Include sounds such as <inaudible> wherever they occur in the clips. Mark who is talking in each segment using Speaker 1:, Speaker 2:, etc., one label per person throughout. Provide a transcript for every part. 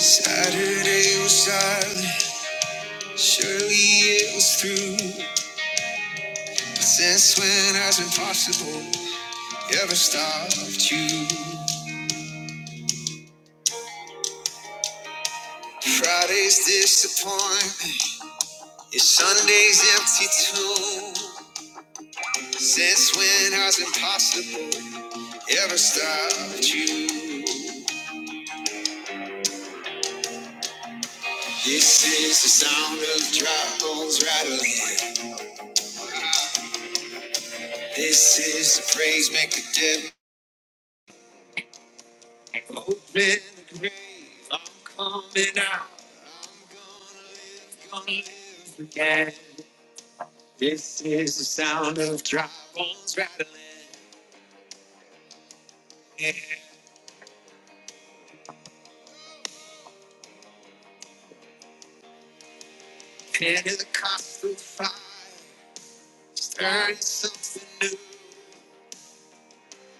Speaker 1: Saturday was silent, surely it was through. But since when has impossible ever stopped you? Friday's disappointment is Sunday's empty tomb. Since when has impossible ever stopped you? This is the sound of dry bones rattling. This is the praise make the dead.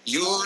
Speaker 1: you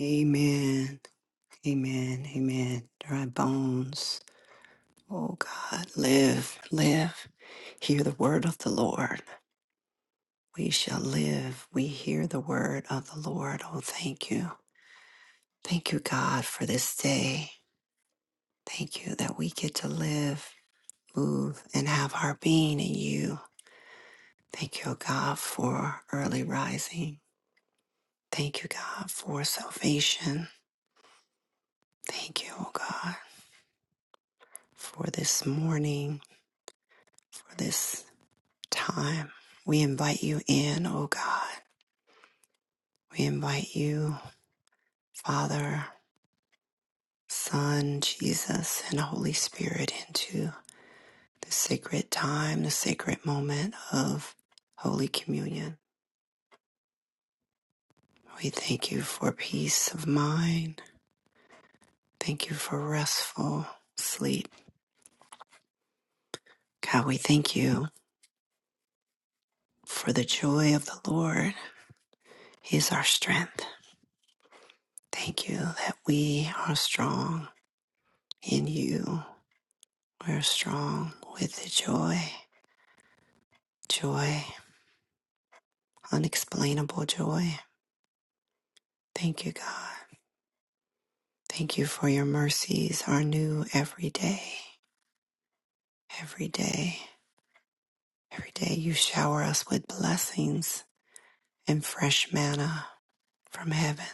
Speaker 1: Amen. Amen. Amen. Dry bones. Oh God, live, live. Hear the word of the Lord. We shall live. We hear the word of the Lord. Oh, thank you. Thank you, God, for this day. Thank you that we get to live, move, and have our being in you. Thank you, God, for early rising. Thank you, God, for salvation. Thank you, oh God, for this morning, for this time. We invite you in, O God. We invite you, Father, Son, Jesus, and Holy Spirit into the sacred time, the sacred moment of Holy Communion. We thank you for peace of mind. Thank you for restful sleep. God, we thank you for the joy of the Lord He is our strength. Thank you that we are strong in you. We're strong with the joy. joy, unexplainable joy. Thank you, God. Thank you for your mercies are new every day. Every day, every day you shower us with blessings and fresh manna from heaven.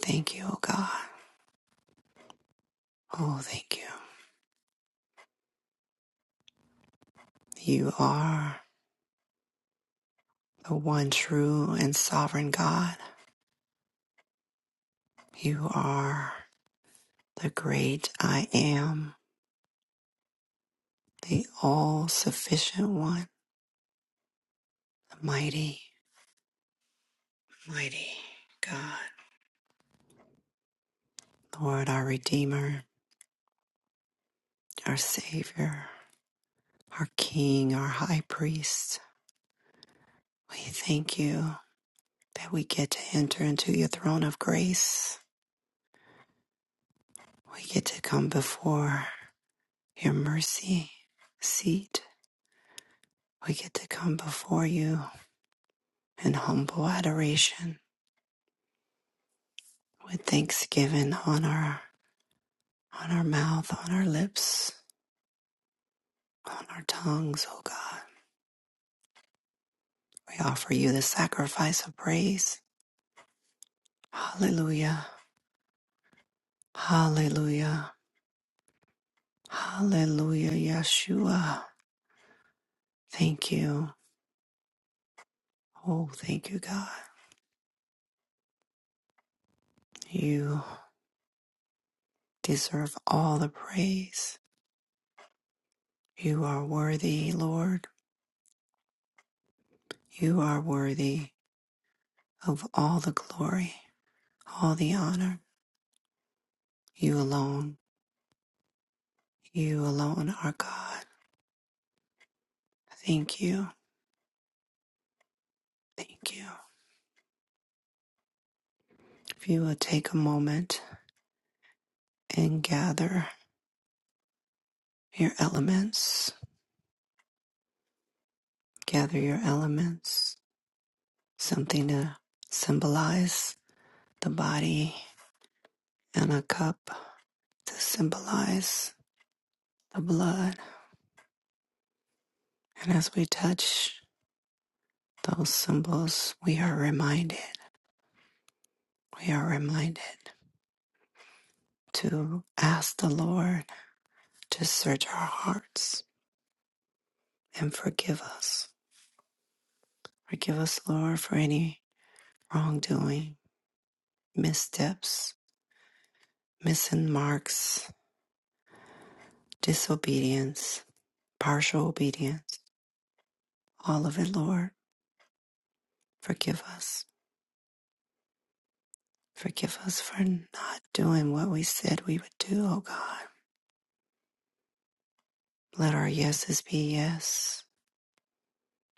Speaker 1: Thank you, O God. Oh, thank you. You are the one true and sovereign God. You are the great I am, the all sufficient one, the mighty, mighty God. Lord, our Redeemer, our Savior, our King, our High Priest, we thank you that we get to enter into your throne of grace. We get to come before your mercy seat. We get to come before you in humble adoration with thanksgiving on our on our mouth, on our lips, on our tongues, oh God. We offer you the sacrifice of praise. Hallelujah. Hallelujah. Hallelujah, Yeshua. Thank you. Oh, thank you, God. You deserve all the praise. You are worthy, Lord. You are worthy of all the glory, all the honor. You alone, you alone are God. Thank you. Thank you. If you will take a moment and gather your elements, gather your elements, something to symbolize the body and a cup to symbolize the blood. And as we touch those symbols, we are reminded, we are reminded to ask the Lord to search our hearts and forgive us. Forgive us, Lord, for any wrongdoing, missteps, missing marks, disobedience, partial obedience, all of it, Lord. Forgive us. Forgive us for not doing what we said we would do, O God. Let our yeses be yes.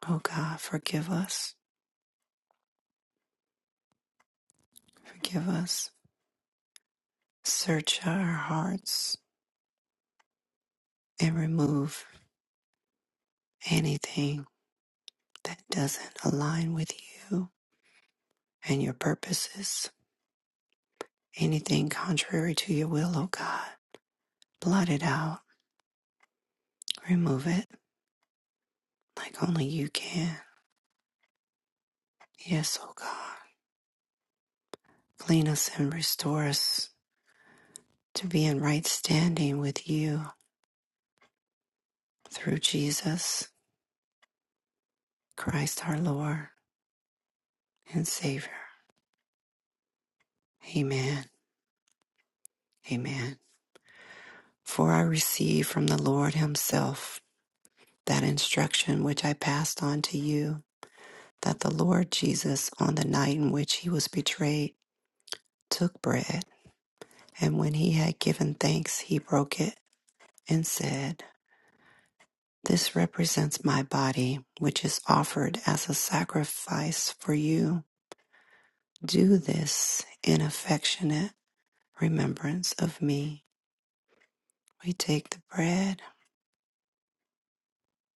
Speaker 1: O God, forgive us, forgive us. Search our hearts and remove anything that doesn't align with you and your purposes. Anything contrary to your will, O God. Blot it out, remove it like only you can. Yes, O God. Clean us and restore us to be in right standing with you through Jesus Christ our Lord and Savior. Amen. Amen. For I received from the Lord Himself that instruction which I passed on to you, that the Lord Jesus, on the night in which He was betrayed, took bread, and when He had given thanks, He broke it and said, This represents my body, which is offered as a sacrifice for you. Do this in affectionate remembrance of me. We take the bread,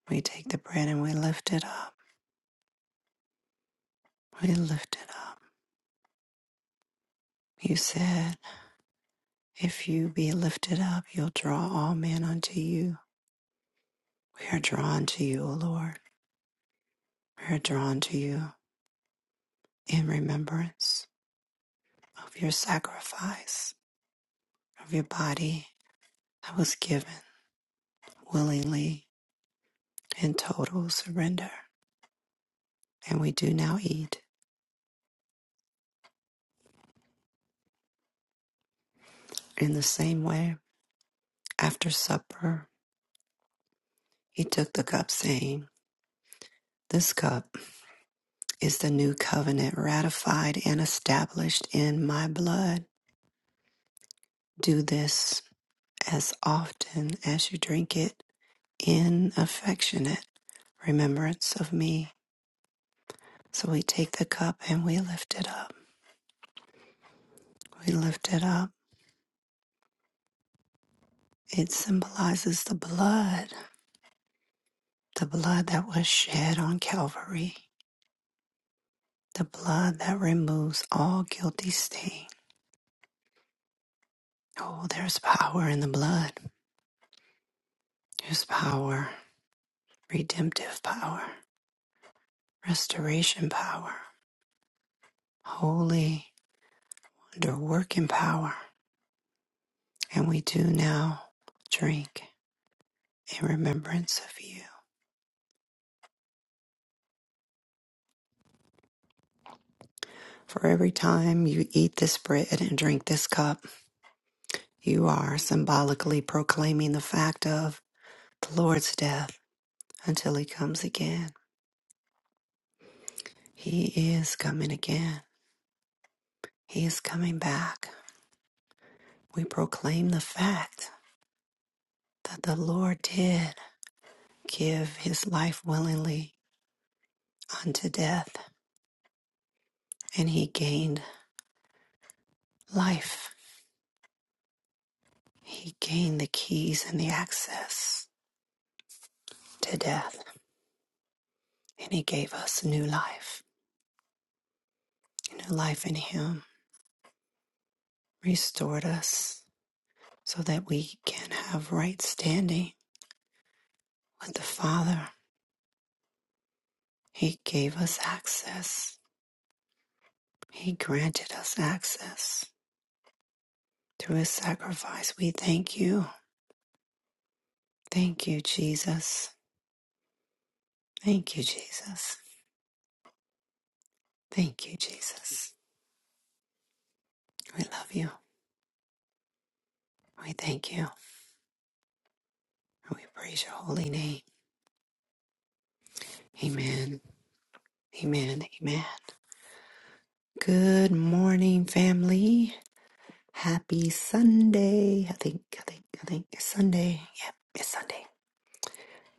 Speaker 1: we take the bread and we lift it up. We lift it up. You said, If you be lifted up, you'll draw all men unto you. We are drawn to you, O Lord. We are drawn to you in remembrance of your sacrifice, of your body that was given willingly in total surrender. And we do now eat. In the same way, after supper, he took the cup, saying, This cup is the new covenant ratified and established in my blood. Do this as often as you drink it in affectionate remembrance of me. So we take the cup and we lift it up. We lift it up. It symbolizes the blood, the blood that was shed on Calvary, the blood that removes all guilty stain. Oh, there's power in the blood. There's power, redemptive power, restoration power, holy, underworking power. And we do now drink. in remembrance of you. For every time you eat this bread and drink this cup, you are symbolically proclaiming the fact of the Lord's death until he comes again. He is coming again. He is coming back. We proclaim the fact that the Lord did give his life willingly unto death, and he gained life. He gained the keys and the access to death, and he gave us new life. and her life in Him restored us so that we can have right standing with the Father. He gave us access, He granted us access through His sacrifice. We thank you. Thank you, Jesus. Thank you, Jesus. Thank you, Jesus. We love you. We thank you. And we praise your holy name. Amen. Amen. Amen. Good morning, family. Happy Sunday. I think, I think, I think it's Sunday. Yep, it's Sunday.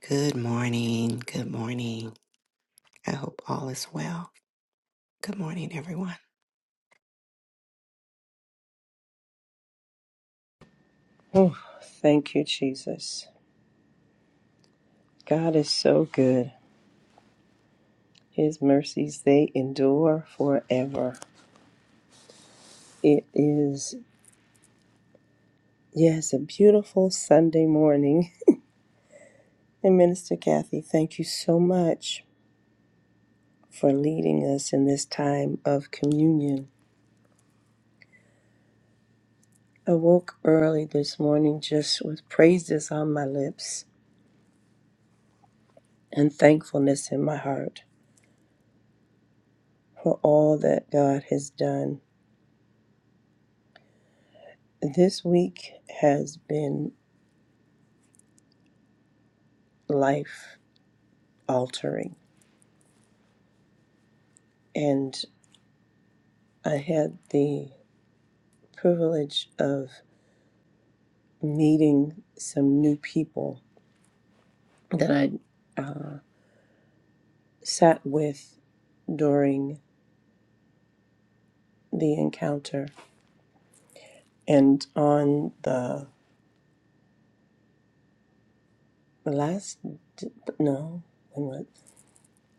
Speaker 1: Good morning. Good morning. I hope all is well. Good morning, everyone.
Speaker 2: Oh, thank you, Jesus. God is so good. His mercies, they endure forever. It is, yes, a beautiful Sunday morning. <laughs> And Minister Kathy, thank you so much for leading us in this time of communion. I woke early this morning just with praises on my lips and thankfulness in my heart for all that God has done. This week has been life altering and I had the privilege of meeting some new people that I uh, sat with during the encounter. And on the last, d- no, when was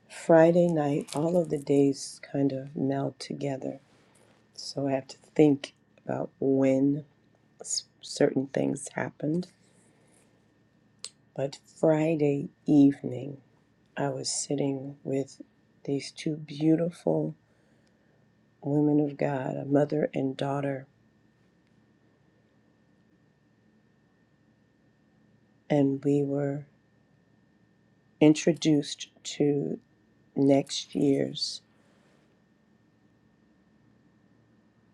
Speaker 2: Friday night, all of the days kind of meld together. So I have to think about when s- certain things happened. But Friday evening, I was sitting with these two beautiful women of God, a mother and daughter, and we were introduced to next year's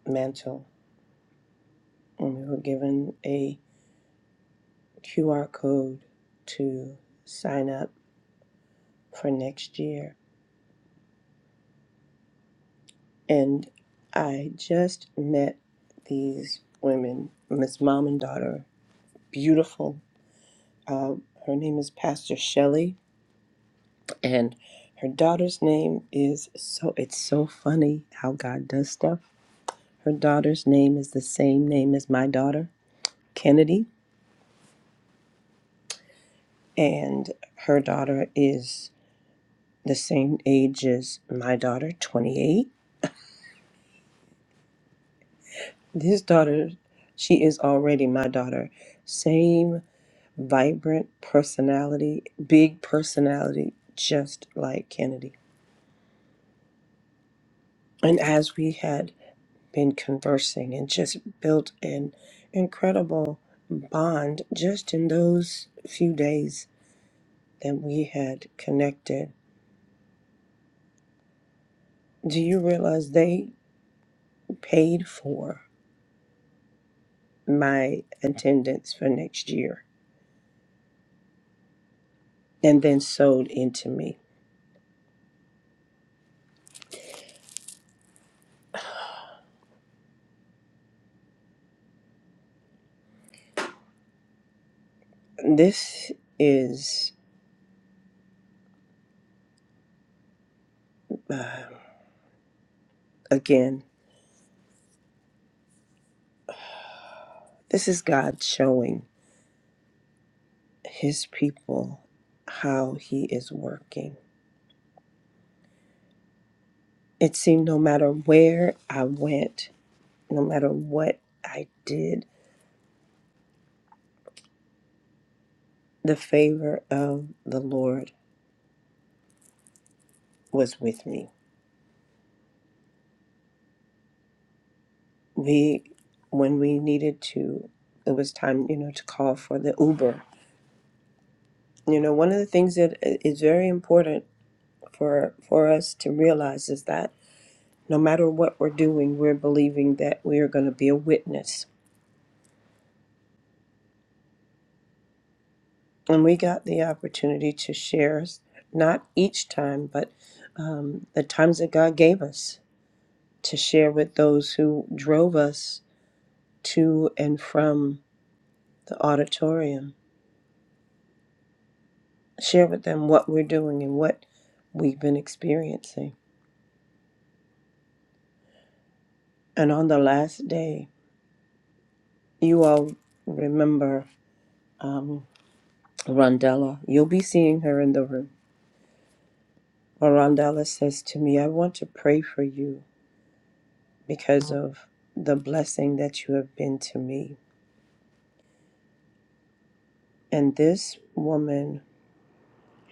Speaker 2: mantle. And we were given a QR code to sign up for next year. And I just met these women, Miss Mom and Daughter, beautiful. Uh, her name is Pastor Shelley and her daughter's name is so it's so funny how God does stuff. Her daughter's name is the same name as my daughter, Kennedy, and her daughter is the same age as my daughter, 28. This daughter, she is already my daughter. Same vibrant personality, big personality, just like Kennedy. And as we had been conversing and just built an incredible bond just in those few days that we had connected. Do you realize they paid for my attendance for next year and then sold into me? This is, uh, again, this is God showing his people how he is working. It seemed no matter where I went, no matter what I did, the favor of the Lord was with me. We, when we needed to, it was time, you know, to call for the Uber. You know, one of the things that i- is very important for for us to realize is that no matter what we're doing, we're believing that we are going to be a witness. And we got the opportunity to share, not each time, but um, the times that God gave us to share with those who drove us to and from the auditorium. Share with them what we're doing and what we've been experiencing. And on the last day, you all remember um, Rondella. You'll be seeing her in the room. But Rondella says to me, I want to pray for you because of the blessing that you have been to me. And this woman,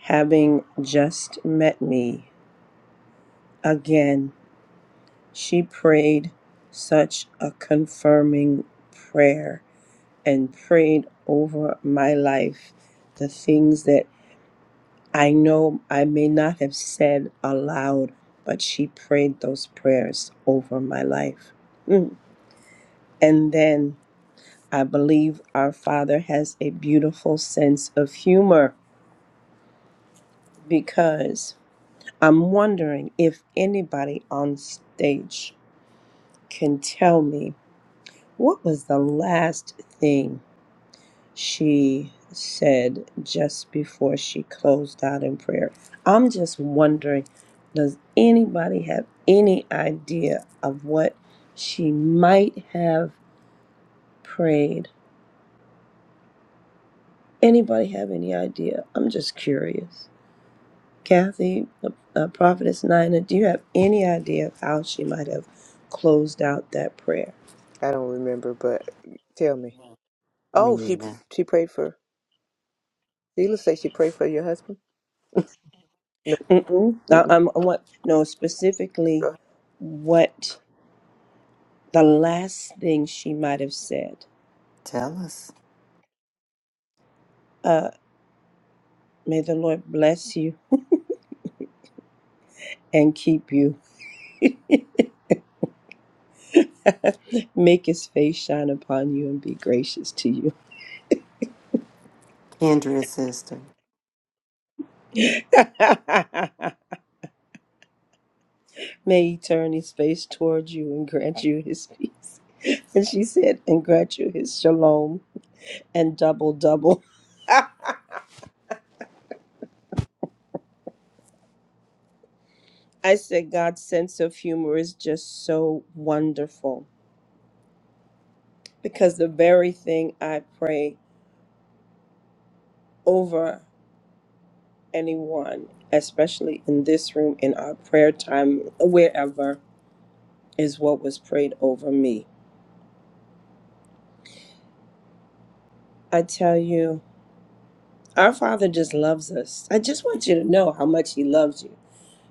Speaker 2: having just met me again, She prayed such a confirming prayer and prayed over my life the things that I know I may not have said aloud, but she prayed those prayers over my life. Mm. And then I believe our Father has a beautiful sense of humor because I'm wondering if anybody on stage can tell me what was the last thing she said just before she closed out in prayer. I'm just wondering does anybody have any idea of what she might have prayed? Anybody have any idea? I'm just curious. Kathy, uh, uh, Prophetess Nina, do you have any idea of how she might have closed out that prayer?
Speaker 3: I don't remember, but tell me.
Speaker 1: Me
Speaker 3: Oh, she
Speaker 1: neither.
Speaker 3: she prayed for. Sheila say she prayed for your husband. No.
Speaker 2: Mm-mm. I,
Speaker 3: Mm-mm.
Speaker 2: I'm, I want no specifically
Speaker 3: Go ahead.
Speaker 2: what the last thing she might have said.
Speaker 1: Tell us.
Speaker 2: Uh, may the Lord bless you and keep you. Make his face shine upon you and be gracious to you.
Speaker 1: Kendra, sister.
Speaker 2: <laughs> may he turn his face towards you and grant you his peace. <laughs> And she said, and grant you his shalom and double, double. I said, God's sense of humor is just so wonderful because the very thing I pray over anyone, especially in this room, in our prayer time, wherever, is what was prayed over me I tell you, our Father just loves us. I just want you to know how much He loves you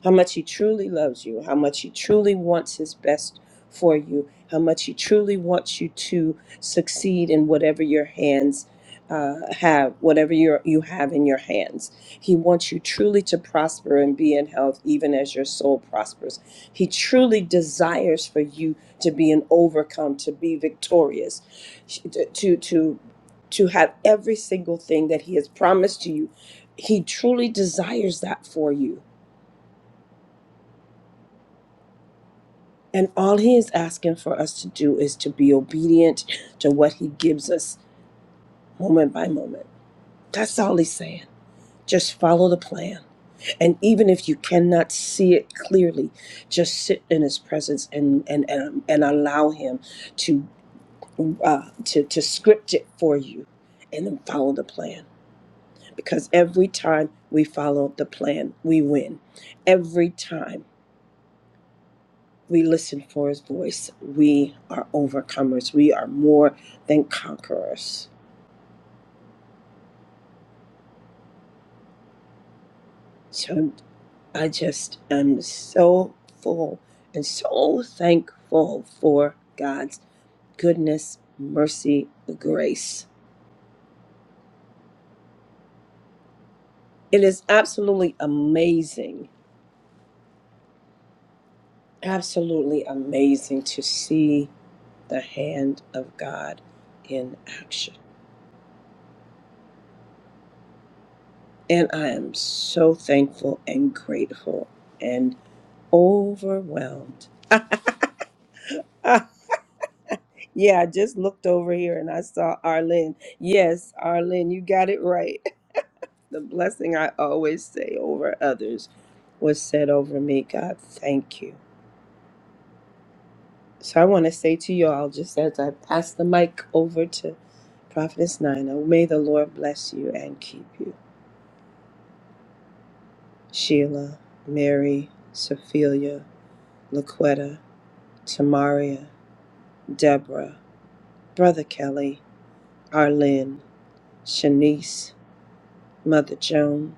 Speaker 2: how much He truly loves you, how much He truly wants His best for you, how much He truly wants you to succeed in whatever your hands uh, have, whatever your, you have in your hands. He wants you truly to prosper and be in health, even as your soul prospers. He truly desires for you to be an overcome, to be victorious, to to to have every single thing that He has promised to you. He truly desires that for you. And all he is asking for us to do is to be obedient to what he gives us moment by moment. That's all he's saying. Just follow the plan. And even if you cannot see it clearly, just sit in his presence and and and, and allow him to uh, to to script it for you and then follow the plan. Because every time we follow the plan, we win. Every time. we listen for his voice. We are overcomers. We are more than conquerors. So I just am so full and so thankful for God's goodness, mercy, and grace. It is absolutely amazing, absolutely amazing to see the hand of God in action. And I am so thankful and grateful and overwhelmed <laughs> Yeah, I just looked over here and I saw Arlene. Yes, Arlene, you got it right. <laughs> The blessing I always say over others was said over me. God, thank you. So I want to say to you all, just as I pass the mic over to Prophetess Nina, may the Lord bless you and keep you. Sheila, Mary, Sophia, Laquetta, Tamaria, Deborah, Brother Kelly, Arlene, Shanice, Mother Joan,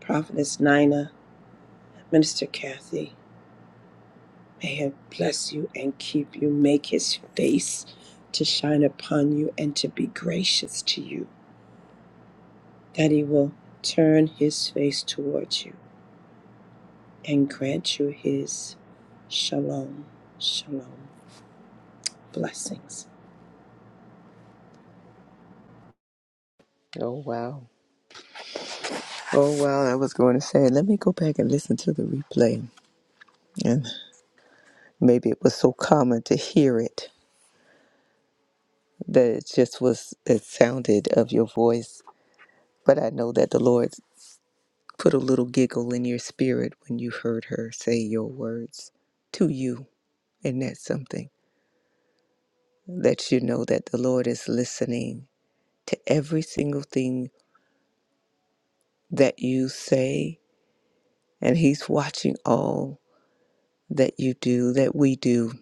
Speaker 2: Prophetess Nina, Minister Kathy, may He bless you and keep you, make His face to shine upon you and to be gracious to you, that He will turn His face towards you and grant you His shalom, shalom blessings.
Speaker 3: Oh wow. Oh wow. I was going to say. Let me go back and listen to the replay, and maybe it was so common to hear it that it just was. It sounded of your voice, but I know that the Lord put a little giggle in your spirit when you heard her say your words to you, and that's something that you know that the Lord is listening to every single thing that you say, and He's watching all that you do, that we do.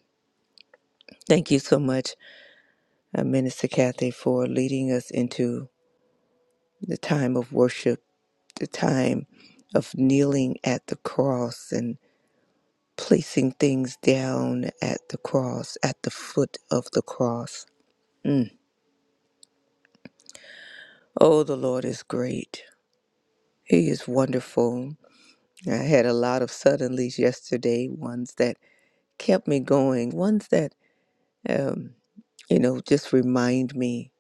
Speaker 3: Thank you so much, uh, Minister Kathy, for leading us into the time of worship, the time of kneeling at the cross and placing things down at the cross, at the foot of the cross. Mm. Oh, the Lord is great. He is wonderful. I had a lot of suddenlies yesterday, ones that kept me going, ones that. um, you know, just remind me.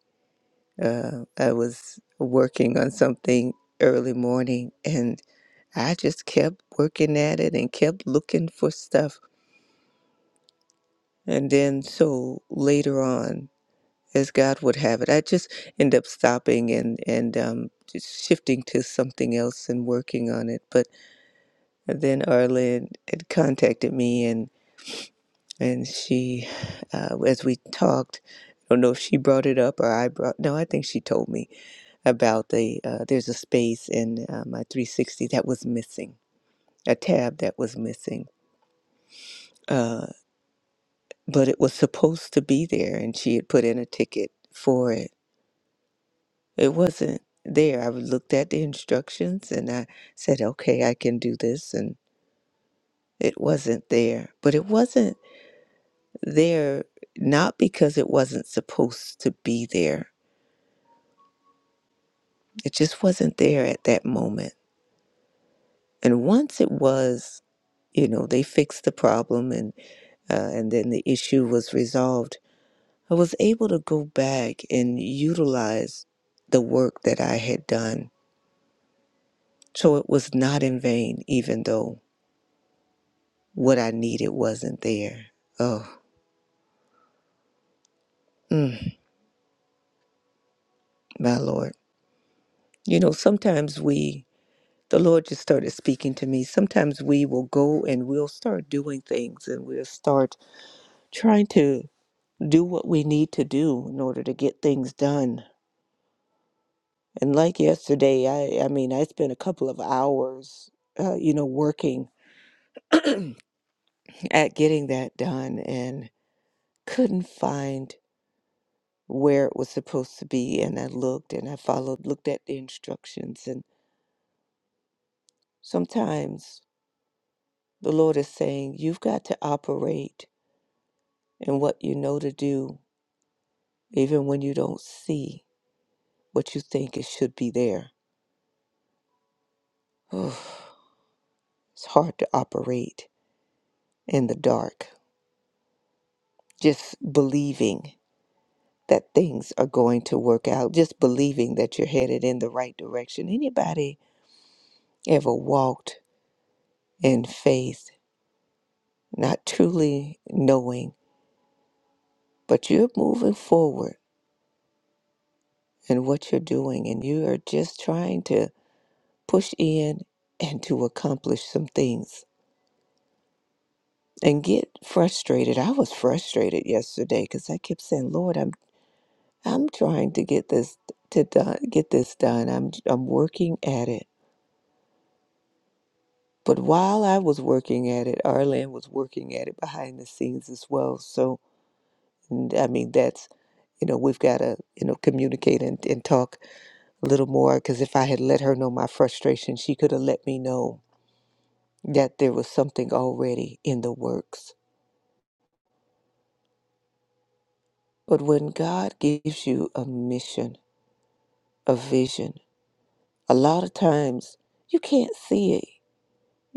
Speaker 3: Uh, I was working on something early morning and I just kept working at it and kept looking for stuff. And then, so later on, as God would have it, I just end up stopping and, and um, just shifting to something else and working on it. But then Arlen had contacted me and, and she, uh, as we talked, I don't know if she brought it up or I brought, no, I think she told me about the uh, there's a space in uh, my 360 that was missing, a tab that was missing, uh, but it was supposed to be there, and she had put in a ticket for it. It wasn't there. I looked at the instructions and I said, "Okay, I can do this," and it wasn't there. But it wasn't there not because it wasn't supposed to be there. It just wasn't there at that moment. And once it was, you know, they fixed the problem and. uh, and then the issue was resolved. I was able to go back and utilize the work that I had done. So it was not in vain, even though what I needed wasn't there. Oh, mm, my Lord. You know, sometimes we, the Lord just started speaking to me. Sometimes we will go and we'll start doing things and we'll start trying to do what we need to do in order to get things done And like yesterday, I I mean, I spent a couple of hours, uh, you know, working <clears throat> at getting that done and couldn't find where it was supposed to be. And I looked and I followed, looked at the instructions. And sometimes the Lord is saying, you've got to operate in what you know to do, even when you don't see what you think it should be there. <sighs> it's hard to operate in the dark, just believing. that things are going to work out, just believing that you're headed in the right direction. Anybody ever walked in faith, not truly knowing, but you're moving forward in what you're doing and you are just trying to push in and to accomplish some things and get frustrated. I was frustrated yesterday because I kept saying, Lord, I'm I'm trying to get this to done, get this done. I'm I'm working at it But while I was working at it, Arlen was working at it behind the scenes as well. So, and I mean, that's, you know, we've got to, you know, communicate and, and talk a little more because if I had let her know my frustration, she could have let me know that there was something already in the works. But when God gives you a mission, a vision, a lot of times you can't see it.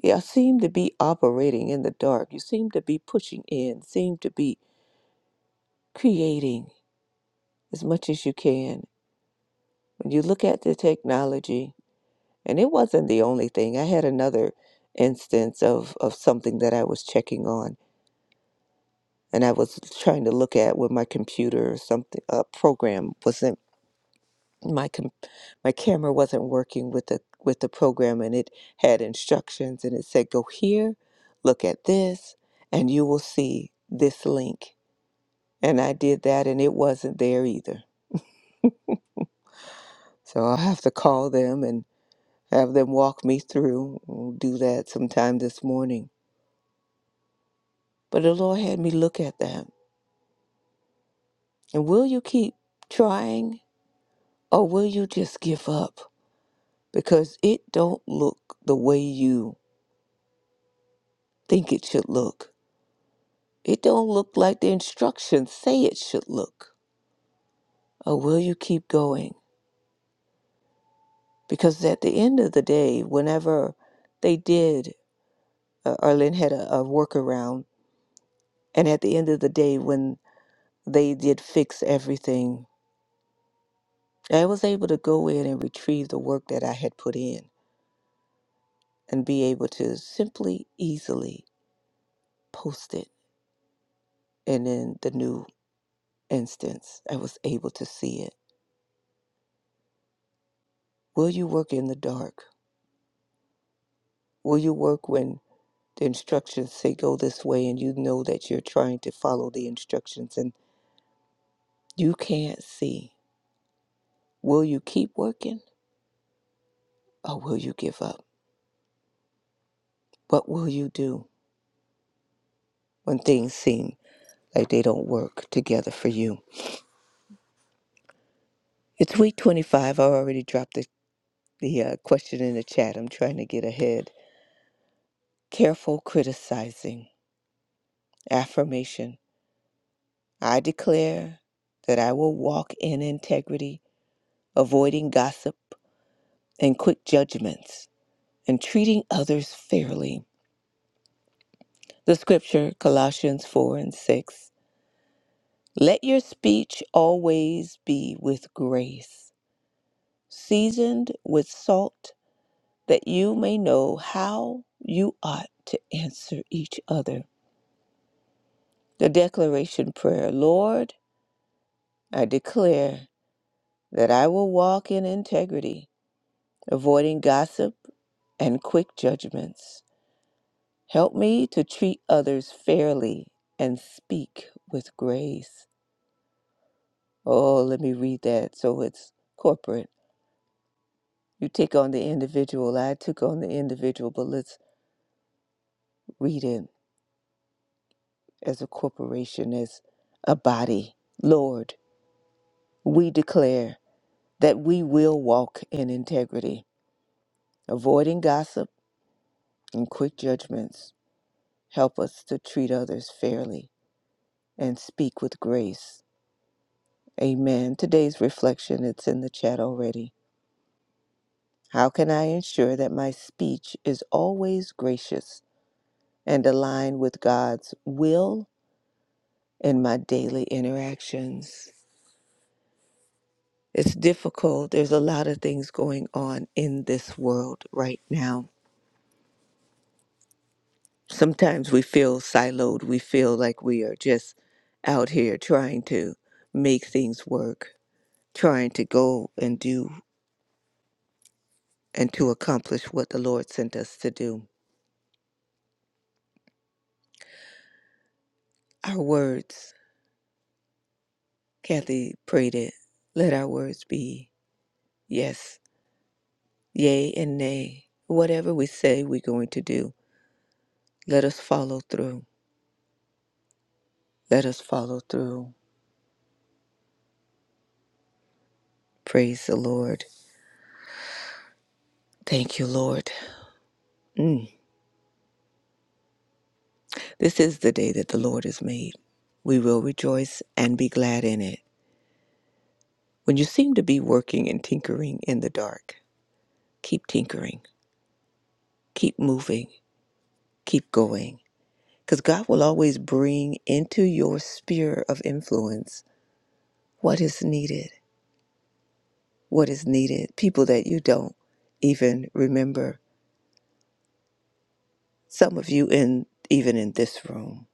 Speaker 3: You seem to be operating in the dark. You seem to be pushing in, seem to be creating. as much as you can. When you look at the technology, and it wasn't the only thing, I had another instance of, of something that I was checking on, and I was trying to look at with my computer or something, a program wasn't my com- my camera wasn't working with the with the program and it had instructions and it said go here look at this and you will see this link and I did that and it wasn't there either so I'll have to call them and. have them walk me through. We'll do that sometime this morning. But the Lord had me look at that. And will you keep trying or will you just give up? Because it don't look the way you think it should look. It don't look like the instructions say it should look. Or will you keep going? Because at the end of the day, whenever they did, uh, Arlen had a, a workaround. And at the end of the day, when they did fix everything, I was able to go in and retrieve the work that I had put in and be able to simply, easily post it. And in the new instance, I was able to see it. Will you work in the dark? Will you work when the instructions say go this way and you know that you're trying to follow the instructions and you can't see? Will you keep working or will you give up? What will you do when things seem like they don't work together for you? It's week 25. I already dropped the the uh, question in the chat. I'm trying to get ahead. Careful criticizing. Affirmation. I declare that I will walk in integrity, avoiding gossip and quick judgments, and treating others fairly. The scripture, Colossians 4 and 6. Let your speech always be with grace, seasoned with salt, that you may know how you ought to answer each other. The declaration prayer Lord, I declare that I will walk in integrity, avoiding gossip and quick judgments. Help me to treat others fairly and speak with grace. Oh, let me read that so it's corporate. You take on the individual. I took on the individual, but let's read it as a corporation, as a body. Lord, we declare that we will walk in integrity, avoiding gossip and quick judgments. Help us to treat others fairly and speak with grace. Amen. Today's reflection, it's in the chat already. How can I ensure that my speech is always gracious and aligned with God's will in my daily interactions? It's difficult. There's a lot of things going on in this world right now. Sometimes we feel siloed. We feel like we are just out here trying to make things work trying to go and do and to accomplish what the Lord sent us to do. Our words, Kathy prayed it, let our words be yes, yea, and nay. Whatever we say we're going to do, let us follow through. Let us follow through. Praise the Lord. Thank you, Lord. Mm. This is the day that the Lord has made. We will rejoice and be glad in it. When you seem to be working and tinkering in the dark, keep tinkering, keep moving, keep going. Because God will always bring into your sphere of influence what is needed, what is needed, people that you don't even remember. Some of you in even in this room,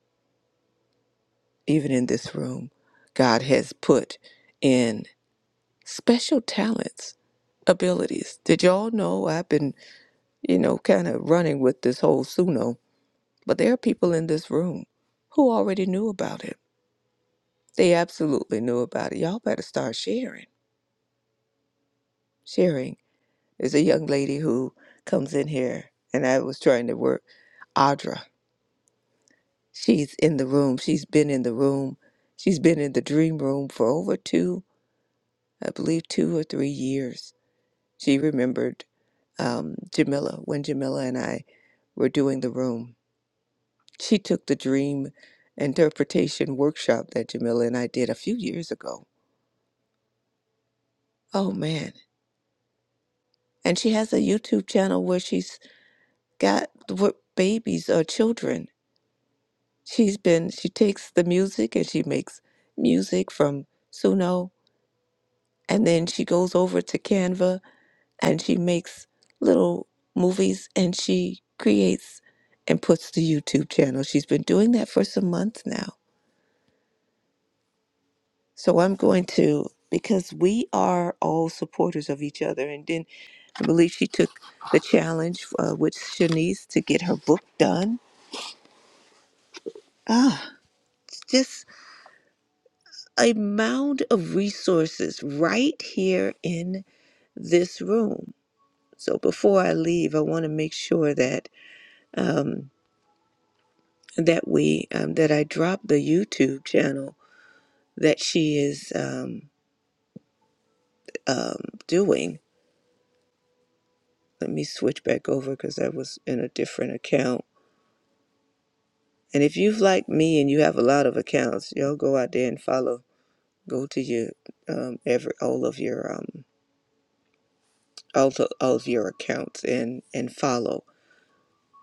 Speaker 3: even in this room, God has put in special talents, abilities. Did y'all know I've been, you know, kind of running with this whole Suno, but there are people in this room who already knew about it. They absolutely knew about it. Y'all better start sharing, sharing There's a young lady who comes in here, and I was trying to work. Audra, she's in the room. She's been in the room. She's been in the dream room for over two, I believe, two or three years. She remembered um, Jamila when Jamila and I were doing the room. She took the dream interpretation workshop that Jamila and I did a few years ago. Oh man. And she has a YouTube channel where she's got what babies or children She's been, she takes the music and she makes music from Suno, and then she goes over to Canva and she makes little movies and she creates and puts the YouTube channel. She's been doing that for some months now. So I'm going to, because we are all supporters of each other. And then I believe she took the challenge uh, with Shanice to get her book done. Ah, just a mound of resources right here in this room. So before I leave, I want to make sure that um, that we um, that I drop the YouTube channel that she is um, um, doing. Let me switch back over because I was in a different account. And if you've like me and you have a lot of accounts, y'all go out there and follow. Go to your um, every all of your um, all, to, all of your accounts and and follow.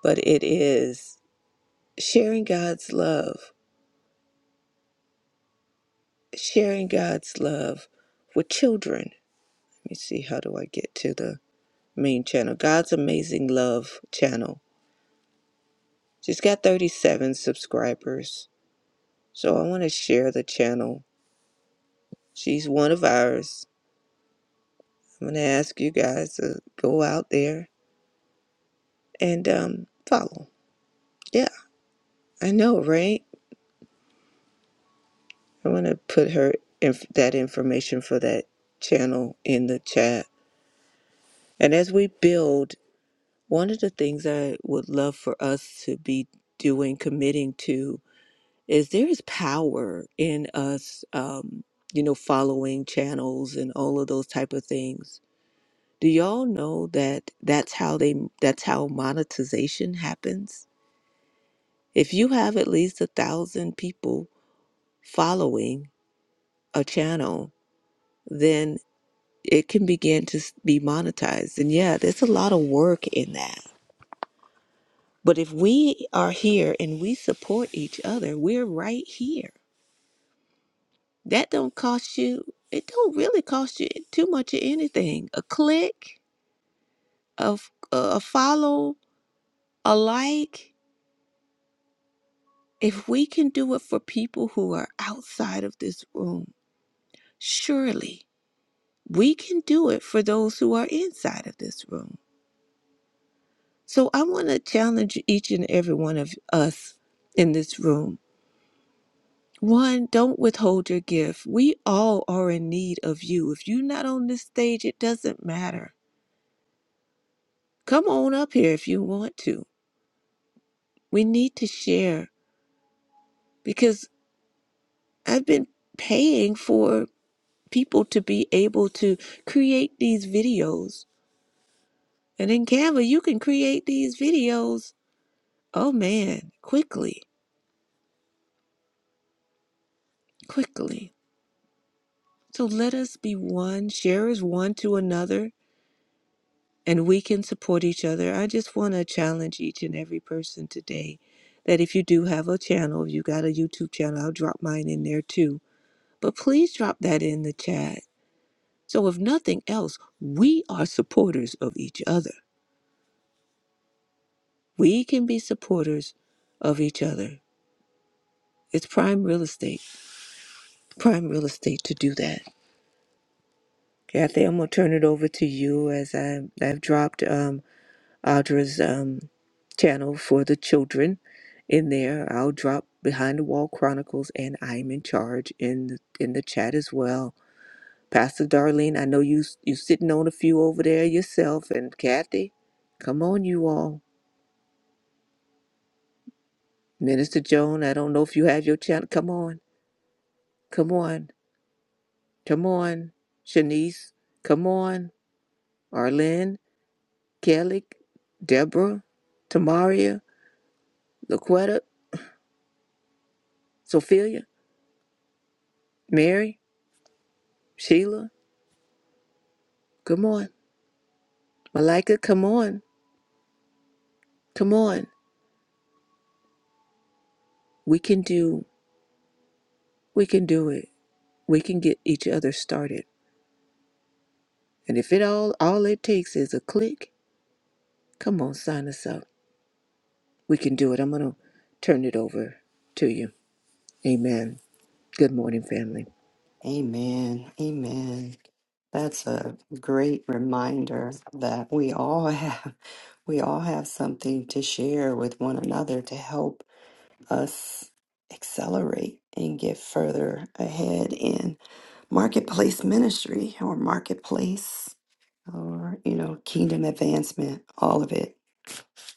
Speaker 3: But it is sharing God's love sharing God's love with children. Let me see, how do I get to the main channel? God's Amazing Love channel. She's got 37 subscribers. So I want to share the channel. She's one of ours. I'm going to ask you guys to go out there and um, follow. Yeah, I know, right? I want to put her inf- that information for that channel in the chat. And as we build One of the things I would love for us to be doing, committing to, is there is power in us, um, you know, following channels and all of those type of things. Do y'all know that that's how they that's how monetization happens? If you have at least a thousand people following a channel, then it can begin to s- be monetized. And yeah, there's a lot of work in that But if we are here and we support each other, we're right here. That don't cost you. It don't really cost you too much of anything. A click, a, f- a follow, a like. If we can do it for people who are outside of this room, surely we can do it for those who are inside of this room. So I want to challenge each and every one of us in this room One, don't withhold your gift. We all are in need of you. If you're not on this stage, it doesn't matter. Come on up here if you want to. We need to share because I've been paying for people to be able to create these videos. And in Canva, you can create these videos, oh man, quickly, quickly. So let us be one, share as one to another and we can support each other. I just want to challenge each and every person today that if you do have a channel, if you got a YouTube channel, I'll drop mine in there too. But please drop that in the chat. So, if nothing else, we are supporters of each other. We can be supporters of each other. It's prime real estate, prime real estate to do that. Kathy, I'm going to turn it over to you as I, I've dropped. Um, Audra's um, channel for the children in there. I'll drop Behind the Wall Chronicles and I'm in charge in the, in the chat as well. Pastor Darlene, I know you you sitting on a few over there yourself, and Kathy, come on, you all. Minister Joan, I don't know if you have your channel. Come on, come on, come on. Shanice, come on. Arlene, Kelly, Deborah, Tamaria, Laquetta, Sophia, Mary, Sheila. Come on. Malika, come on. Come on. We can do we can do it. We can get each other started. And if it all all it takes is a click, come on, sign us up. We can do it. I'm gonna turn it over to you. Amen. Good morning, family.
Speaker 1: Amen. Amen. That's a great reminder that we all <laughs> have we all have something to share with one another to help us accelerate and get further ahead in marketplace ministry or marketplace or you know kingdom advancement all of it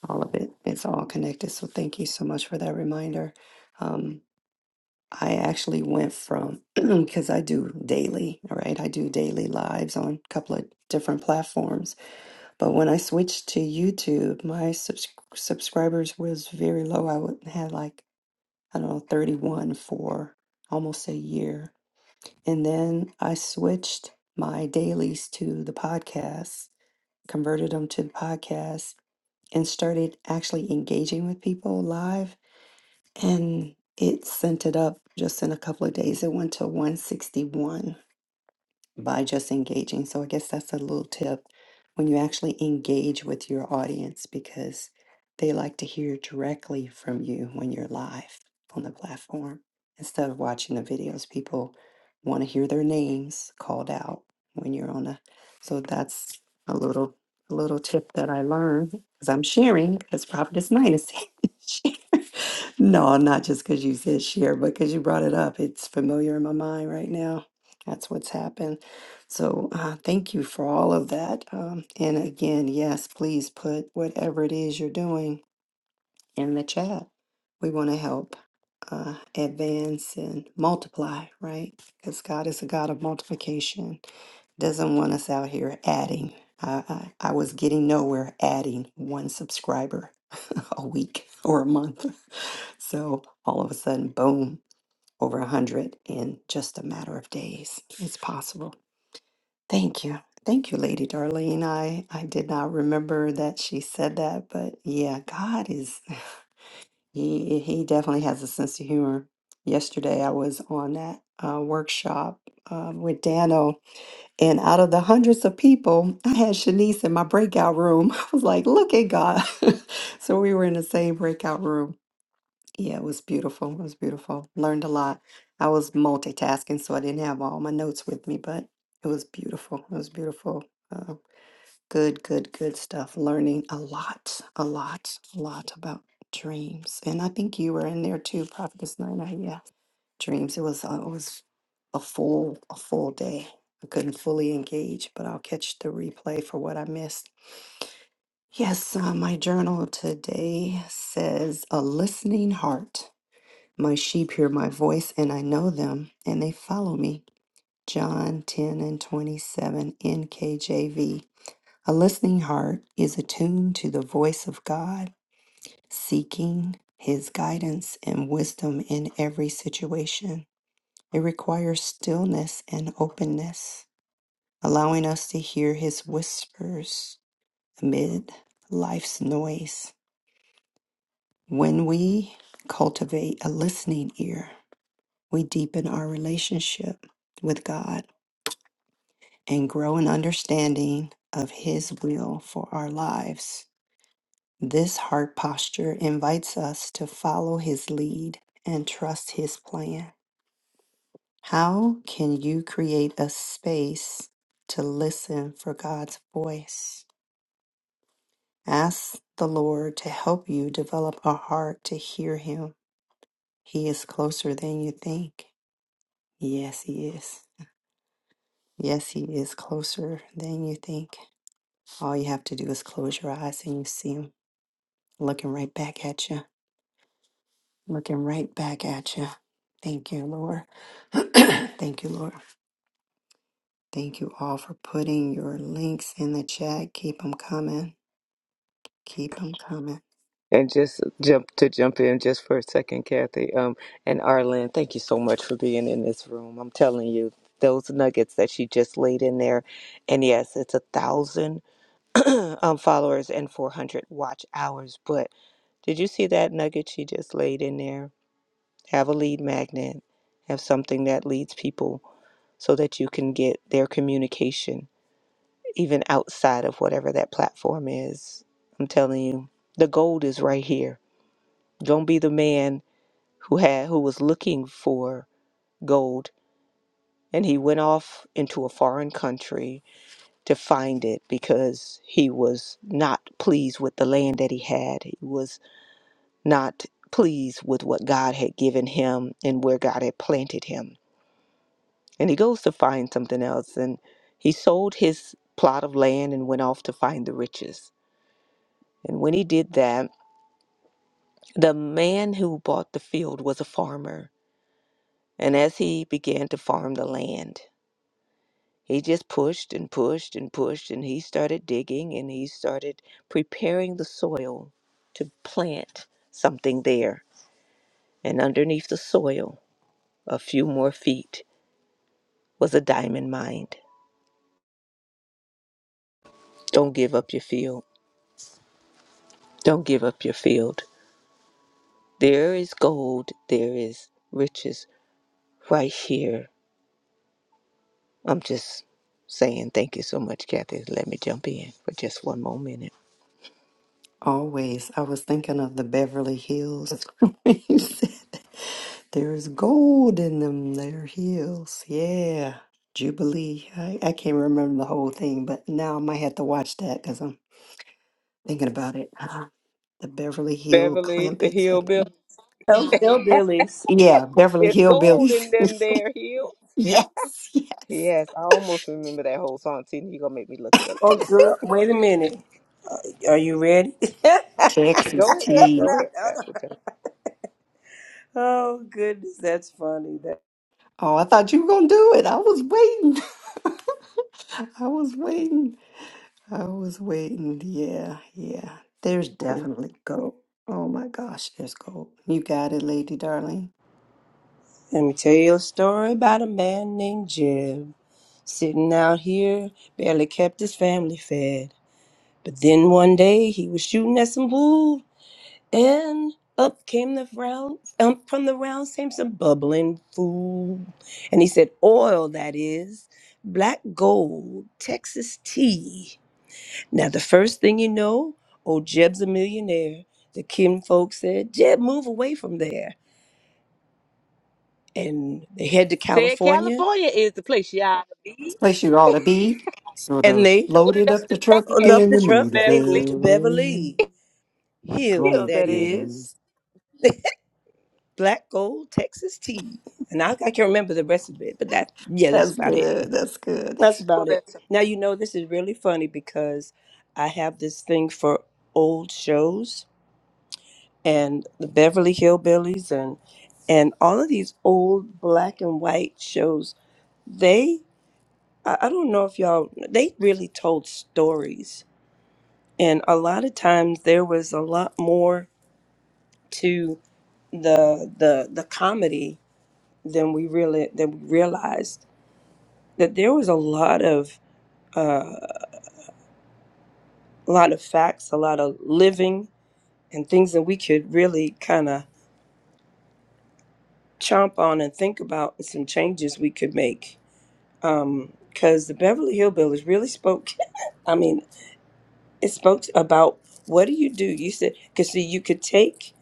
Speaker 1: all of it it's all connected so thank you so much for that reminder um, i actually went from <clears throat> because i do daily all right i do daily lives on a couple of different platforms but when i switched to youtube my subs- subscribers was very low i would had like I don't know, 31 for almost a year. And then I switched my dailies to the podcast, converted them to the podcast, and started actually engaging with people live. And it sent it up just in a couple of days. It went to 161 by just engaging. So I guess that's a little tip when you actually engage with your audience because they like to hear directly from you when you're live on the platform instead of watching the videos. People want to hear their names called out when you're on a so that's a little a little tip that I learned because I'm sharing because Prophetess Nine is <laughs> sharing. no, not just because you said share, but because you brought it up. It's familiar in my mind right now. That's what's happened. So uh, thank you for all of that. Um, and again, yes, please put whatever it is you're doing in the chat. We want to help uh, advance and multiply, right? Because God is a God of multiplication. Doesn't want us out here adding. I, I, I was getting nowhere adding one subscriber <laughs> a week or a month. <laughs> So all of a sudden, boom, over a 100 in just a matter of days. It's possible. Thank you. Thank you, Lady Darlene. I, I did not remember that she said that, but yeah, God is, <sighs> <laughs> he, he definitely has a sense of humor. Yesterday, I was on that uh, workshop uh, with Dano, and out of the hundreds of people, I had Shanice in my breakout room. <laughs> I was like, look at God. <laughs> so we were in the same breakout room. Yeah, it was beautiful. It was beautiful. Learned a lot. I was multitasking, so I didn't have all my notes with me, but it was beautiful. It was beautiful. Uh, good, good, good stuff. Learning a lot, a lot, a lot about dreams. And I think you were in there too, Prophetess Nina. Yeah, dreams. It was uh, it was a full a full day. I couldn't fully engage, but I'll catch the replay for what I missed. Yes, uh, my journal today says a listening heart. My sheep hear my voice, and I know them, and they follow me. John 10 and 27 NKJV. A listening heart is attuned to the voice of God, seeking his guidance and wisdom in every situation. It requires stillness and openness, allowing us to hear his whispers amid life's noise. When we cultivate a listening ear, we deepen our relationship with God and grow an understanding of His will for our lives. This heart posture invites us to follow His lead and trust His plan. How can you create a space to listen for God's voice? Ask the Lord to help you develop a heart to hear Him. He is closer than you think. Yes, He is. Yes, He is closer than you think. All you have to do is close your eyes and you see Him looking right back at you, looking right back at you. Thank you, Lord. <clears throat> Thank you, Lord. Thank you all for putting your links in the chat. Keep them coming. Keep them coming.
Speaker 3: And just jump to jump in just for a second, Kathy. Um, and Arlen, thank you so much for being in this room. I'm telling you, those nuggets that she just laid in there, and yes, it's a thousand. <clears throat> um, followers and 400 watch hours. But did you see that nugget she just laid in there? Have a lead magnet, have something that leads people so that you can get their communication, even outside of whatever that platform is. I'm telling you, the gold is right here. Don't be the man who had who was looking for gold and he went off into a foreign country to find it because he was not pleased with the land that he had. He was not pleased with what God had given him and where God had planted him. And he goes to find something else. And he sold his plot of land and went off to find the riches. And when he did that, the man who bought the field was a farmer. And as he began to farm the land, he just pushed and pushed and pushed. And he started digging and he started preparing the soil to plant something there. And underneath the soil, a few more feet was a diamond mind. Don't give up your field. Don't give up your field. There is gold, there is riches right here. I'm just saying thank you so much, Kathy. Let me jump in for just one more minute.
Speaker 1: Always. I was thinking of the Beverly Hills. <laughs> when you said that. There's gold in them, their hills. Yeah. Jubilee. I, I can't remember the whole thing, but now I might have to watch that because I'm thinking about it. The Beverly Hill
Speaker 3: Beverly, the
Speaker 1: Clampets. I think.
Speaker 3: hillbilly.
Speaker 2: Those hillbillies.
Speaker 1: Yeah, Beverly
Speaker 3: There's gold in
Speaker 1: Hillbillies.
Speaker 3: them
Speaker 1: <laughs>
Speaker 3: there hills.
Speaker 1: yes, yes.
Speaker 3: Yes, I almost remember that whole song. See, you're going to make me look it up
Speaker 2: Oh,
Speaker 3: too.
Speaker 2: girl, wait a minute. Are you ready?
Speaker 1: Texas
Speaker 3: Go ahead.
Speaker 1: Tea.
Speaker 3: Go ahead, Pastor
Speaker 2: <laughs>
Speaker 3: John.
Speaker 2: oh, goodness, that's funny. That.
Speaker 1: Oh, I thought you were going to do it. I was waiting. <laughs> I was waiting. I was waiting. Yeah, yeah. There's definitely gold. Oh my gosh, there's gold. You got it, Lady Darling.
Speaker 2: Let me tell you a story about a man named Jeb. Sitting out here, barely kept his family fed. But then one day he was shooting at some food, and up came the round, um, from the round came some bubbling food. And he said, Oil, that is, black gold, Texas tea. Now, the first thing you know, old Jeb's a millionaire. The kinfolk said, Jeb, move away from there. And they head to
Speaker 3: Said
Speaker 2: California.
Speaker 3: California is the place you ought to
Speaker 1: It's
Speaker 3: be.
Speaker 1: a place you ought to be. Sort
Speaker 2: and
Speaker 1: of
Speaker 2: they.
Speaker 3: Loaded
Speaker 1: loaded
Speaker 3: up
Speaker 1: up
Speaker 3: the
Speaker 1: the
Speaker 3: truck
Speaker 1: truck
Speaker 2: on
Speaker 3: and
Speaker 2: up
Speaker 3: they
Speaker 1: and
Speaker 2: the
Speaker 1: the
Speaker 3: moved to
Speaker 2: truck
Speaker 1: motor
Speaker 2: and they moved
Speaker 3: Beverly
Speaker 2: to
Speaker 1: bell.
Speaker 2: Beverly Hills,
Speaker 3: Hills,
Speaker 1: Gold,
Speaker 2: that
Speaker 3: that
Speaker 1: that
Speaker 3: is.
Speaker 1: is.
Speaker 2: is. <laughs> Black Gold Texas Tea. And I, I can't remember the rest of it, but that, yeah, that's
Speaker 1: That's
Speaker 2: about it.
Speaker 1: good. That's good.
Speaker 2: That's
Speaker 3: Ooh,
Speaker 2: about it.
Speaker 3: that's
Speaker 2: Now,
Speaker 3: okay.
Speaker 2: you know, this is really funny because I have this thing for old shows and the Beverly Hillbillies and and all of these old black and white shows. They, I, I don't know if y'all, they really told stories. And a lot of times there was a lot more to the the the comedy than we really than we realized that there was a lot of uh, a lot of facts, a lot of living, and things that we could really kind of chomp on and think about, and some changes we could make. Because the Beverly Hillbillies really spoke. <laughs> I mean, it spoke about what do you do? You said because see, you could take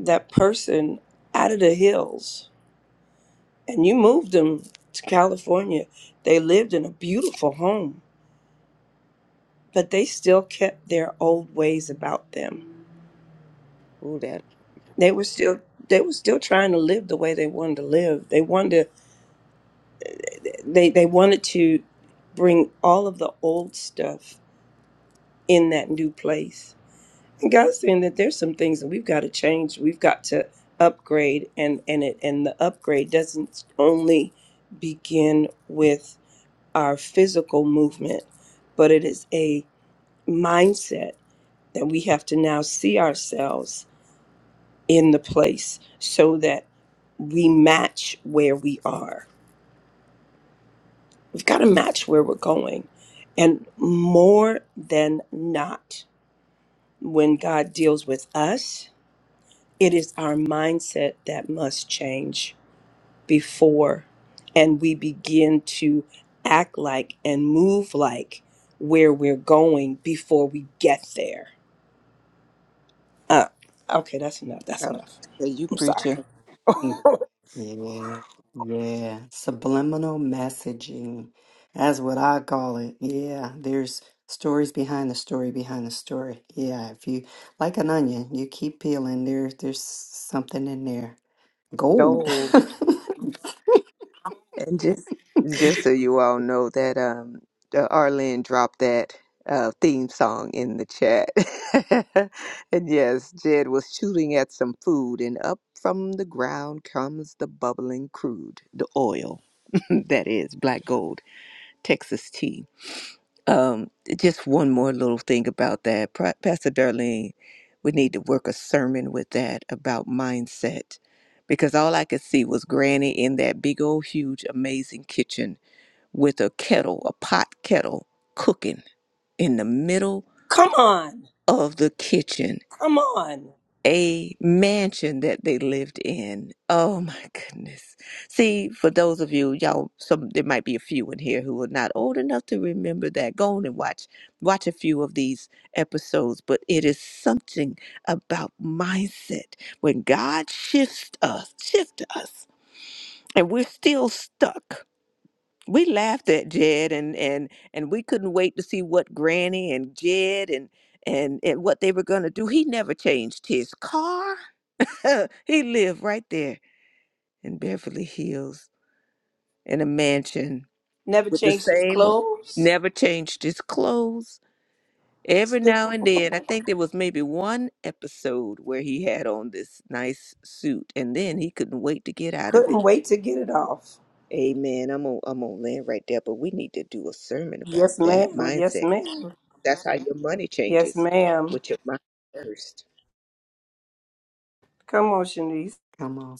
Speaker 2: that person out of the hills And you moved them to California. They lived in a beautiful home, but they still kept their old ways about them.
Speaker 3: Ooh, that.
Speaker 2: They were still they were still trying to live the way they wanted to live. They wanted to, they they wanted to bring all of the old stuff in that new place. And God's saying that there's some things that we've got to change. We've got to upgrade and and it and the upgrade doesn't only begin with our physical movement, but it is a mindset that we have to now see ourselves in the place so that we match where we are. We've got to match where we're going. And more than not, when God deals with us, it is our mindset that must change before and we begin to act like and move like where we're going before we get there. Uh, okay, that's enough.
Speaker 3: I
Speaker 2: That's
Speaker 3: was
Speaker 2: enough.
Speaker 3: gonna say, you
Speaker 2: I'm sorry.
Speaker 3: preaching.
Speaker 1: Yeah, yeah. Subliminal messaging. That's what I call it. Yeah, there's stories behind the story behind the story. Yeah, if you like an onion, you keep peeling. There, there's something in there.
Speaker 3: <laughs>
Speaker 1: Gold. <laughs>
Speaker 3: no, And just just so you all know that um uh, Arlene dropped that uh theme song in the chat. <laughs> and yes, Jed was shooting at some food and up from the ground comes the bubbling crude, the oil <laughs> that is black gold, Texas tea. Um, just one more little thing about that. Pro- Pastor Darlene, we need to work a sermon with that about mindset because all I could see was Granny in that big old, huge, amazing kitchen with a kettle, a pot kettle, cooking in the middle
Speaker 2: Come on.
Speaker 3: of the kitchen
Speaker 2: Come on.
Speaker 3: a mansion that they lived in. Oh my goodness. See, for those of you, y'all some there might be a few in here who are not old enough to remember that. Go on and watch watch a few of these episodes, but it is something about mindset. When God shifts us, shift us, and we're still stuck. We laughed at Jed and and and we couldn't wait to see what Granny and Jed and and, and what they were going to do. He never changed his car. <laughs> he lived right there in Beverly Hills in a mansion
Speaker 2: Never
Speaker 3: with the
Speaker 2: changed his
Speaker 3: same,
Speaker 2: clothes.
Speaker 3: never changed his clothes. Every
Speaker 2: Still
Speaker 3: now and then, I think there was maybe one episode where he had on this nice suit, and then he couldn't wait to get out of it.
Speaker 2: couldn't wait to get it off.
Speaker 3: Amen. I'm on, I'm on land right there, but we need to do a sermon about
Speaker 2: Yes,
Speaker 3: that
Speaker 2: ma'am. Yes,
Speaker 3: mindset.
Speaker 2: ma'am.
Speaker 3: That's how your money
Speaker 2: Yes,
Speaker 3: changes
Speaker 2: ma'am.
Speaker 3: with your mind first.
Speaker 2: Come on, Shanice.
Speaker 1: Come on.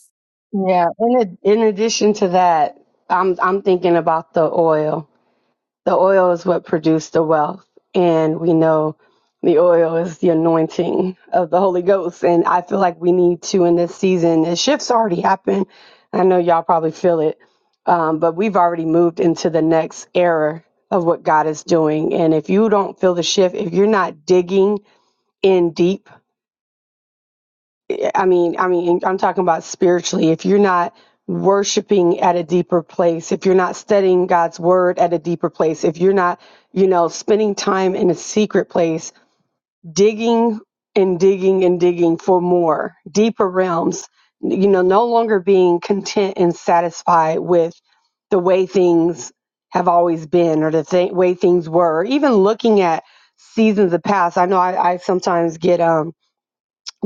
Speaker 4: Yeah. In ad- in addition to that, I'm I'm thinking about the oil. The oil is what produced the wealth, and we know the oil is the anointing of the Holy Ghost. And I feel like we need to in this season. The shift's already happened. I know y'all probably feel it, um, but we've already moved into the next era of what God is doing. And if you don't feel the shift, if you're not digging in deep I mean, I mean, I'm talking about spiritually. If you're not worshiping at a deeper place, if you're not studying God's word at a deeper place, if you're not, you know, spending time in a secret place, digging and digging and digging for more, deeper realms, you know, no longer being content and satisfied with the way things have always been or the th- way things were, even looking at seasons of past. I know I, I sometimes get, um,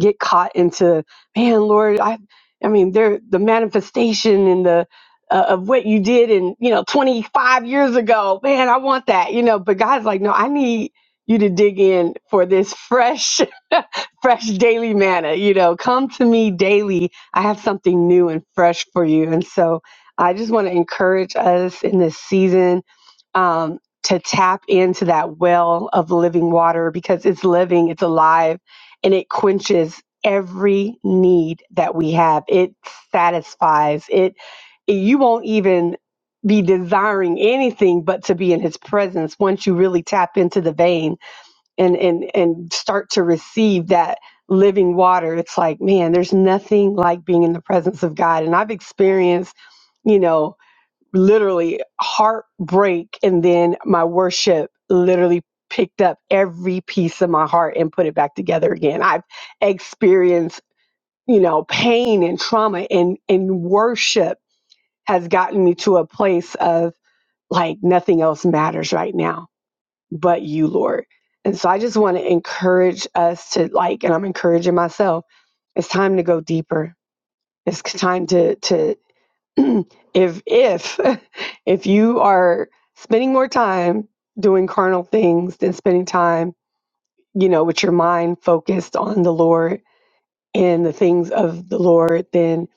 Speaker 4: get caught into man lord i i mean there the manifestation and the uh, of what you did in you know 25 years ago man i want that you know but god's like no i need you to dig in for this fresh <laughs> fresh daily manna you know come to me daily i have something new and fresh for you and so i just want to encourage us in this season um, to tap into that well of living water because it's living it's alive and it quenches every need that we have. It satisfies. It you won't even be desiring anything but to be in his presence once you really tap into the vein and and and start to receive that living water. It's like, man, there's nothing like being in the presence of God. And I've experienced, you know, literally heartbreak and then my worship literally picked up every piece of my heart and put it back together again i've experienced you know pain and trauma and and worship has gotten me to a place of like nothing else matters right now but you lord and so i just want to encourage us to like and i'm encouraging myself it's time to go deeper it's time to to <clears throat> if if <laughs> if you are spending more time doing carnal things than spending time you know with your mind focused on the lord and the things of the lord then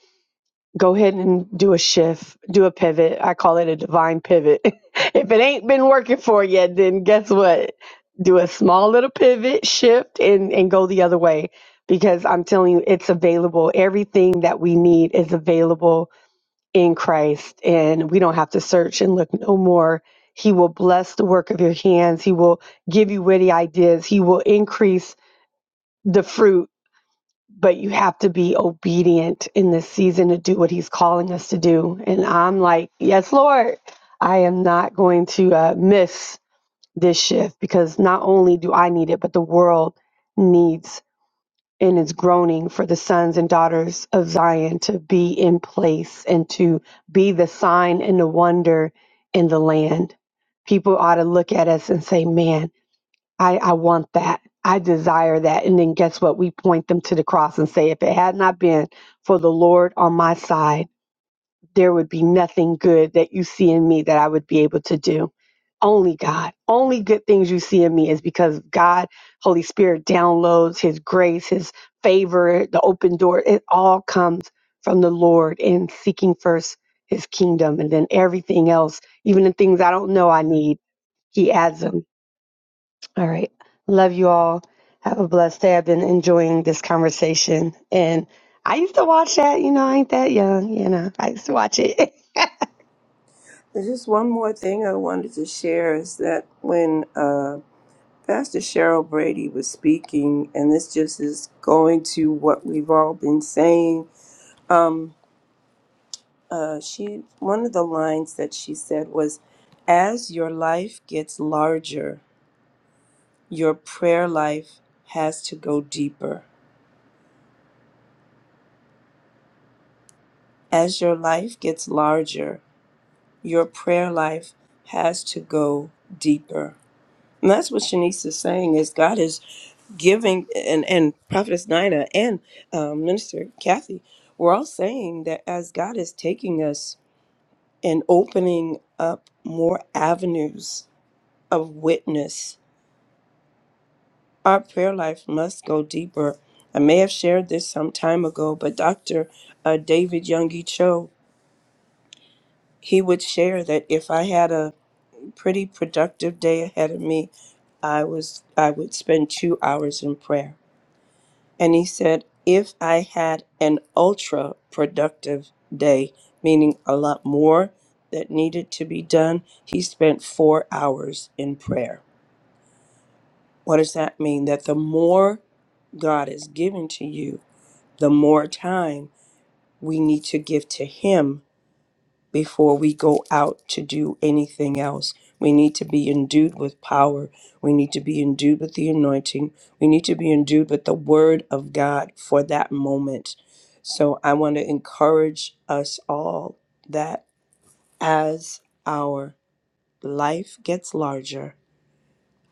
Speaker 4: go ahead and do a shift do a pivot i call it a divine pivot <laughs> if it ain't been working for you then guess what do a small little pivot shift and and go the other way because i'm telling you it's available everything that we need is available in Christ, and we don't have to search and look no more. He will bless the work of your hands. He will give you witty ideas. He will increase the fruit, but you have to be obedient in this season to do what He's calling us to do. And I'm like, yes, Lord, I am not going to uh, miss this shift because not only do I need it, but the world needs in its groaning for the sons and daughters of Zion to be in place and to be the sign and the wonder in the land. People ought to look at us and say, Man, I, I want that. I desire that. And then guess what? We point them to the cross and say, If it had not been for the Lord on my side, there would be nothing good that you see in me that I would be able to do. Only God. Only good things you see in me is because God, Holy Spirit downloads his grace, his favor, the open door. It all comes from the Lord and seeking first his kingdom and then everything else, even the things I don't know I need, he adds them. All right. Love you all. Have a blessed day. I've been enjoying this conversation and I used to watch that, you know, I ain't that young, you know. I used to watch it. <laughs>
Speaker 2: There's just one more thing I wanted to share is that when uh, Pastor Cheryl Brady was speaking, and this just is going to what we've all been saying. Um, uh, she one of the lines that she said was, "As your life gets larger." Your prayer life has to go deeper. As your life gets larger, your prayer life has to go deeper. And that's what Shanice is saying is God is giving, and, and Prophetess Nina and um, Minister Kathy, we're all saying that as God is taking us and opening up more avenues of witness Our prayer life must go deeper. I may have shared this some time ago, but Dr. Uh, David Youngie Cho, he would share that if I had a pretty productive day ahead of me, I was I would spend two hours in prayer. And he said, if I had an ultra productive day, meaning a lot more that needed to be done, he spent four hours in prayer. What does that mean? That the more God is giving to you, the more time we need to give to Him before we go out to do anything else. We need to be endued with power. We need to be endued with the anointing. We need to be endued with the Word of God for that moment. So I want to encourage us all that as our life gets larger,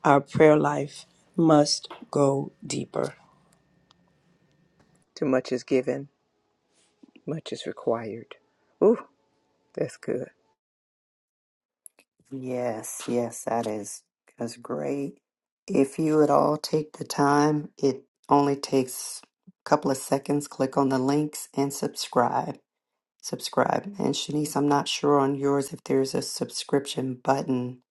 Speaker 2: our prayer life must go deeper.
Speaker 3: Too much is given, much is required. Ooh, that's good.
Speaker 1: Yes, yes, that is that's great. If you would all take the time, it only takes a couple of seconds. Click on the links and subscribe. Subscribe. And Shanice, I'm not sure on yours if there's a subscription button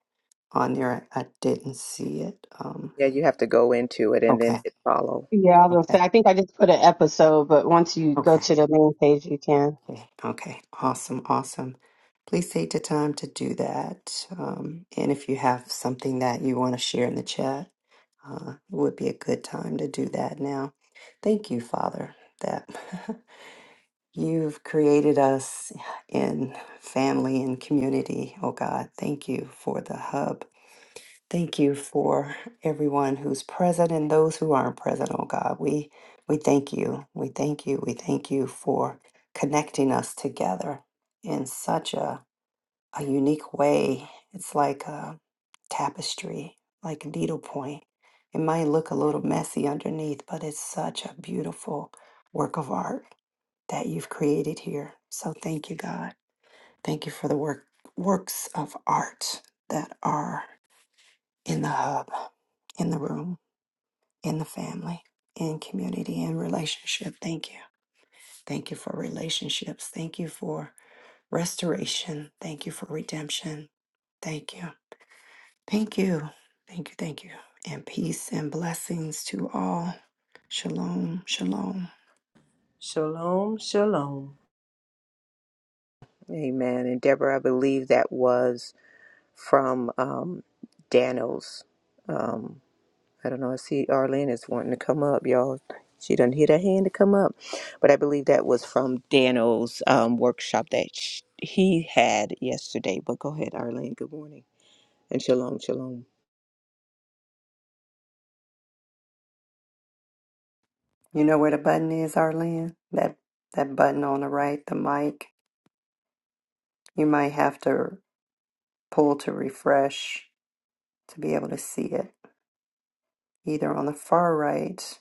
Speaker 1: on there. I didn't see it. Um,
Speaker 3: Yeah, you have to go into it and then
Speaker 1: okay,
Speaker 3: hit follow.
Speaker 4: Yeah, I was gonna say,
Speaker 1: okay,
Speaker 4: I think I just put an episode, but once you go
Speaker 1: okay,
Speaker 4: to the main page, you can.
Speaker 1: okay, okay. Awesome, awesome. Please take the time to do that. Um, and if you have something that you want to share in the chat Uh, it would be a good time to do that now. Thank you, Father, that <laughs> you've created us in family and community. Oh God, thank you for the hub. Thank you for everyone who's present and those who aren't present. Oh God, we we thank you. We thank you. We thank you for connecting us together in such a a unique way. It's like. uh, tapestry, like needlepoint. It might look a little messy underneath, but it's such a beautiful work of art that you've created here. So thank you, God. Thank you for the work works of art that are in the hub, in the room, in the family, in community, in relationship. Thank you. Thank you for relationships. Thank you for restoration. Thank you for redemption. Thank you. Thank you. Thank you. Thank you. And peace and blessings to all. Shalom. Shalom.
Speaker 2: Shalom, shalom.
Speaker 3: Amen. And Deborah, I believe that was from um, Daniels. Um, I don't know. I see Arlene is wanting to come up, y'all. She doesn't hit her hand to come up, but I believe that was from Daniels' um, workshop that sh- he had yesterday. But go ahead, Arlene. Good morning and shalom, shalom.
Speaker 1: You know where the button is, Arlene? That that button on the right, the mic. You might have to pull to refresh to be able to see it. Either on the far right,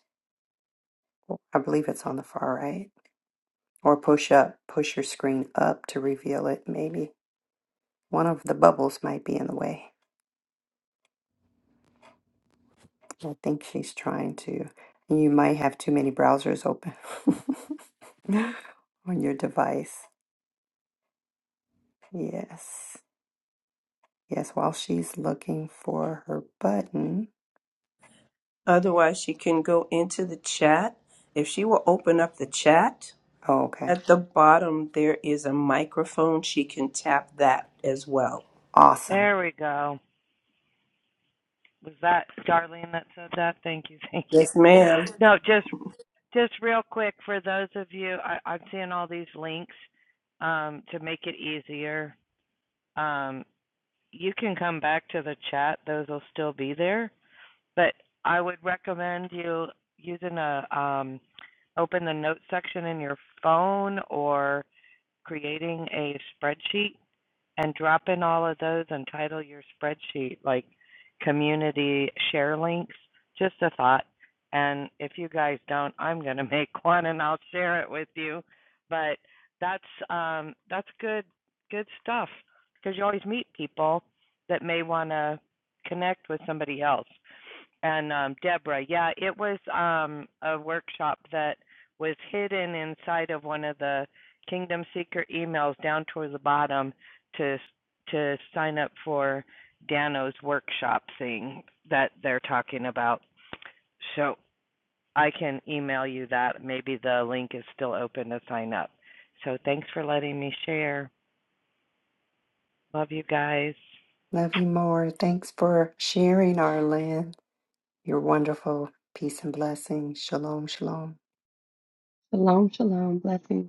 Speaker 1: I believe it's on the far right, or push up, push your screen up to reveal it maybe. One of the bubbles might be in the way. I think she's trying to. You might have too many browsers open <laughs> on your device. Yes. Yes, while she's looking for her button.
Speaker 2: Otherwise, she can go into the chat. If she will open up the chat,
Speaker 1: Oh, okay.
Speaker 2: at the bottom there is a microphone. She can tap that as well.
Speaker 1: Awesome.
Speaker 5: There we go. Was that Darlene that said that? Thank you, thank you.
Speaker 2: Yes, ma'am.
Speaker 5: No, just just real quick for those of you, I, I'm seeing all these links um, to make it easier. Um, you can come back to the chat; those will still be there. But I would recommend you using a um, open the notes section in your phone or creating a spreadsheet and drop in all of those and title your spreadsheet like community share links. Just a thought. And if you guys don't, I'm going to <laughs> make one and I'll share it with you. But that's um, that's good good stuff because you always meet people that may want to connect with somebody else. And um, Deborah, yeah, it was um, a workshop that was hidden inside of one of the Kingdom Seeker emails down towards the bottom to to sign up for Dano's workshop thing that they're talking about. So I can email you that. Maybe the link is still open to sign up. So thanks for letting me share. Love you guys.
Speaker 1: Love you more. Thanks for sharing, Arlen. You're wonderful. Peace and blessings. Shalom, shalom.
Speaker 4: Shalom, shalom, blessings.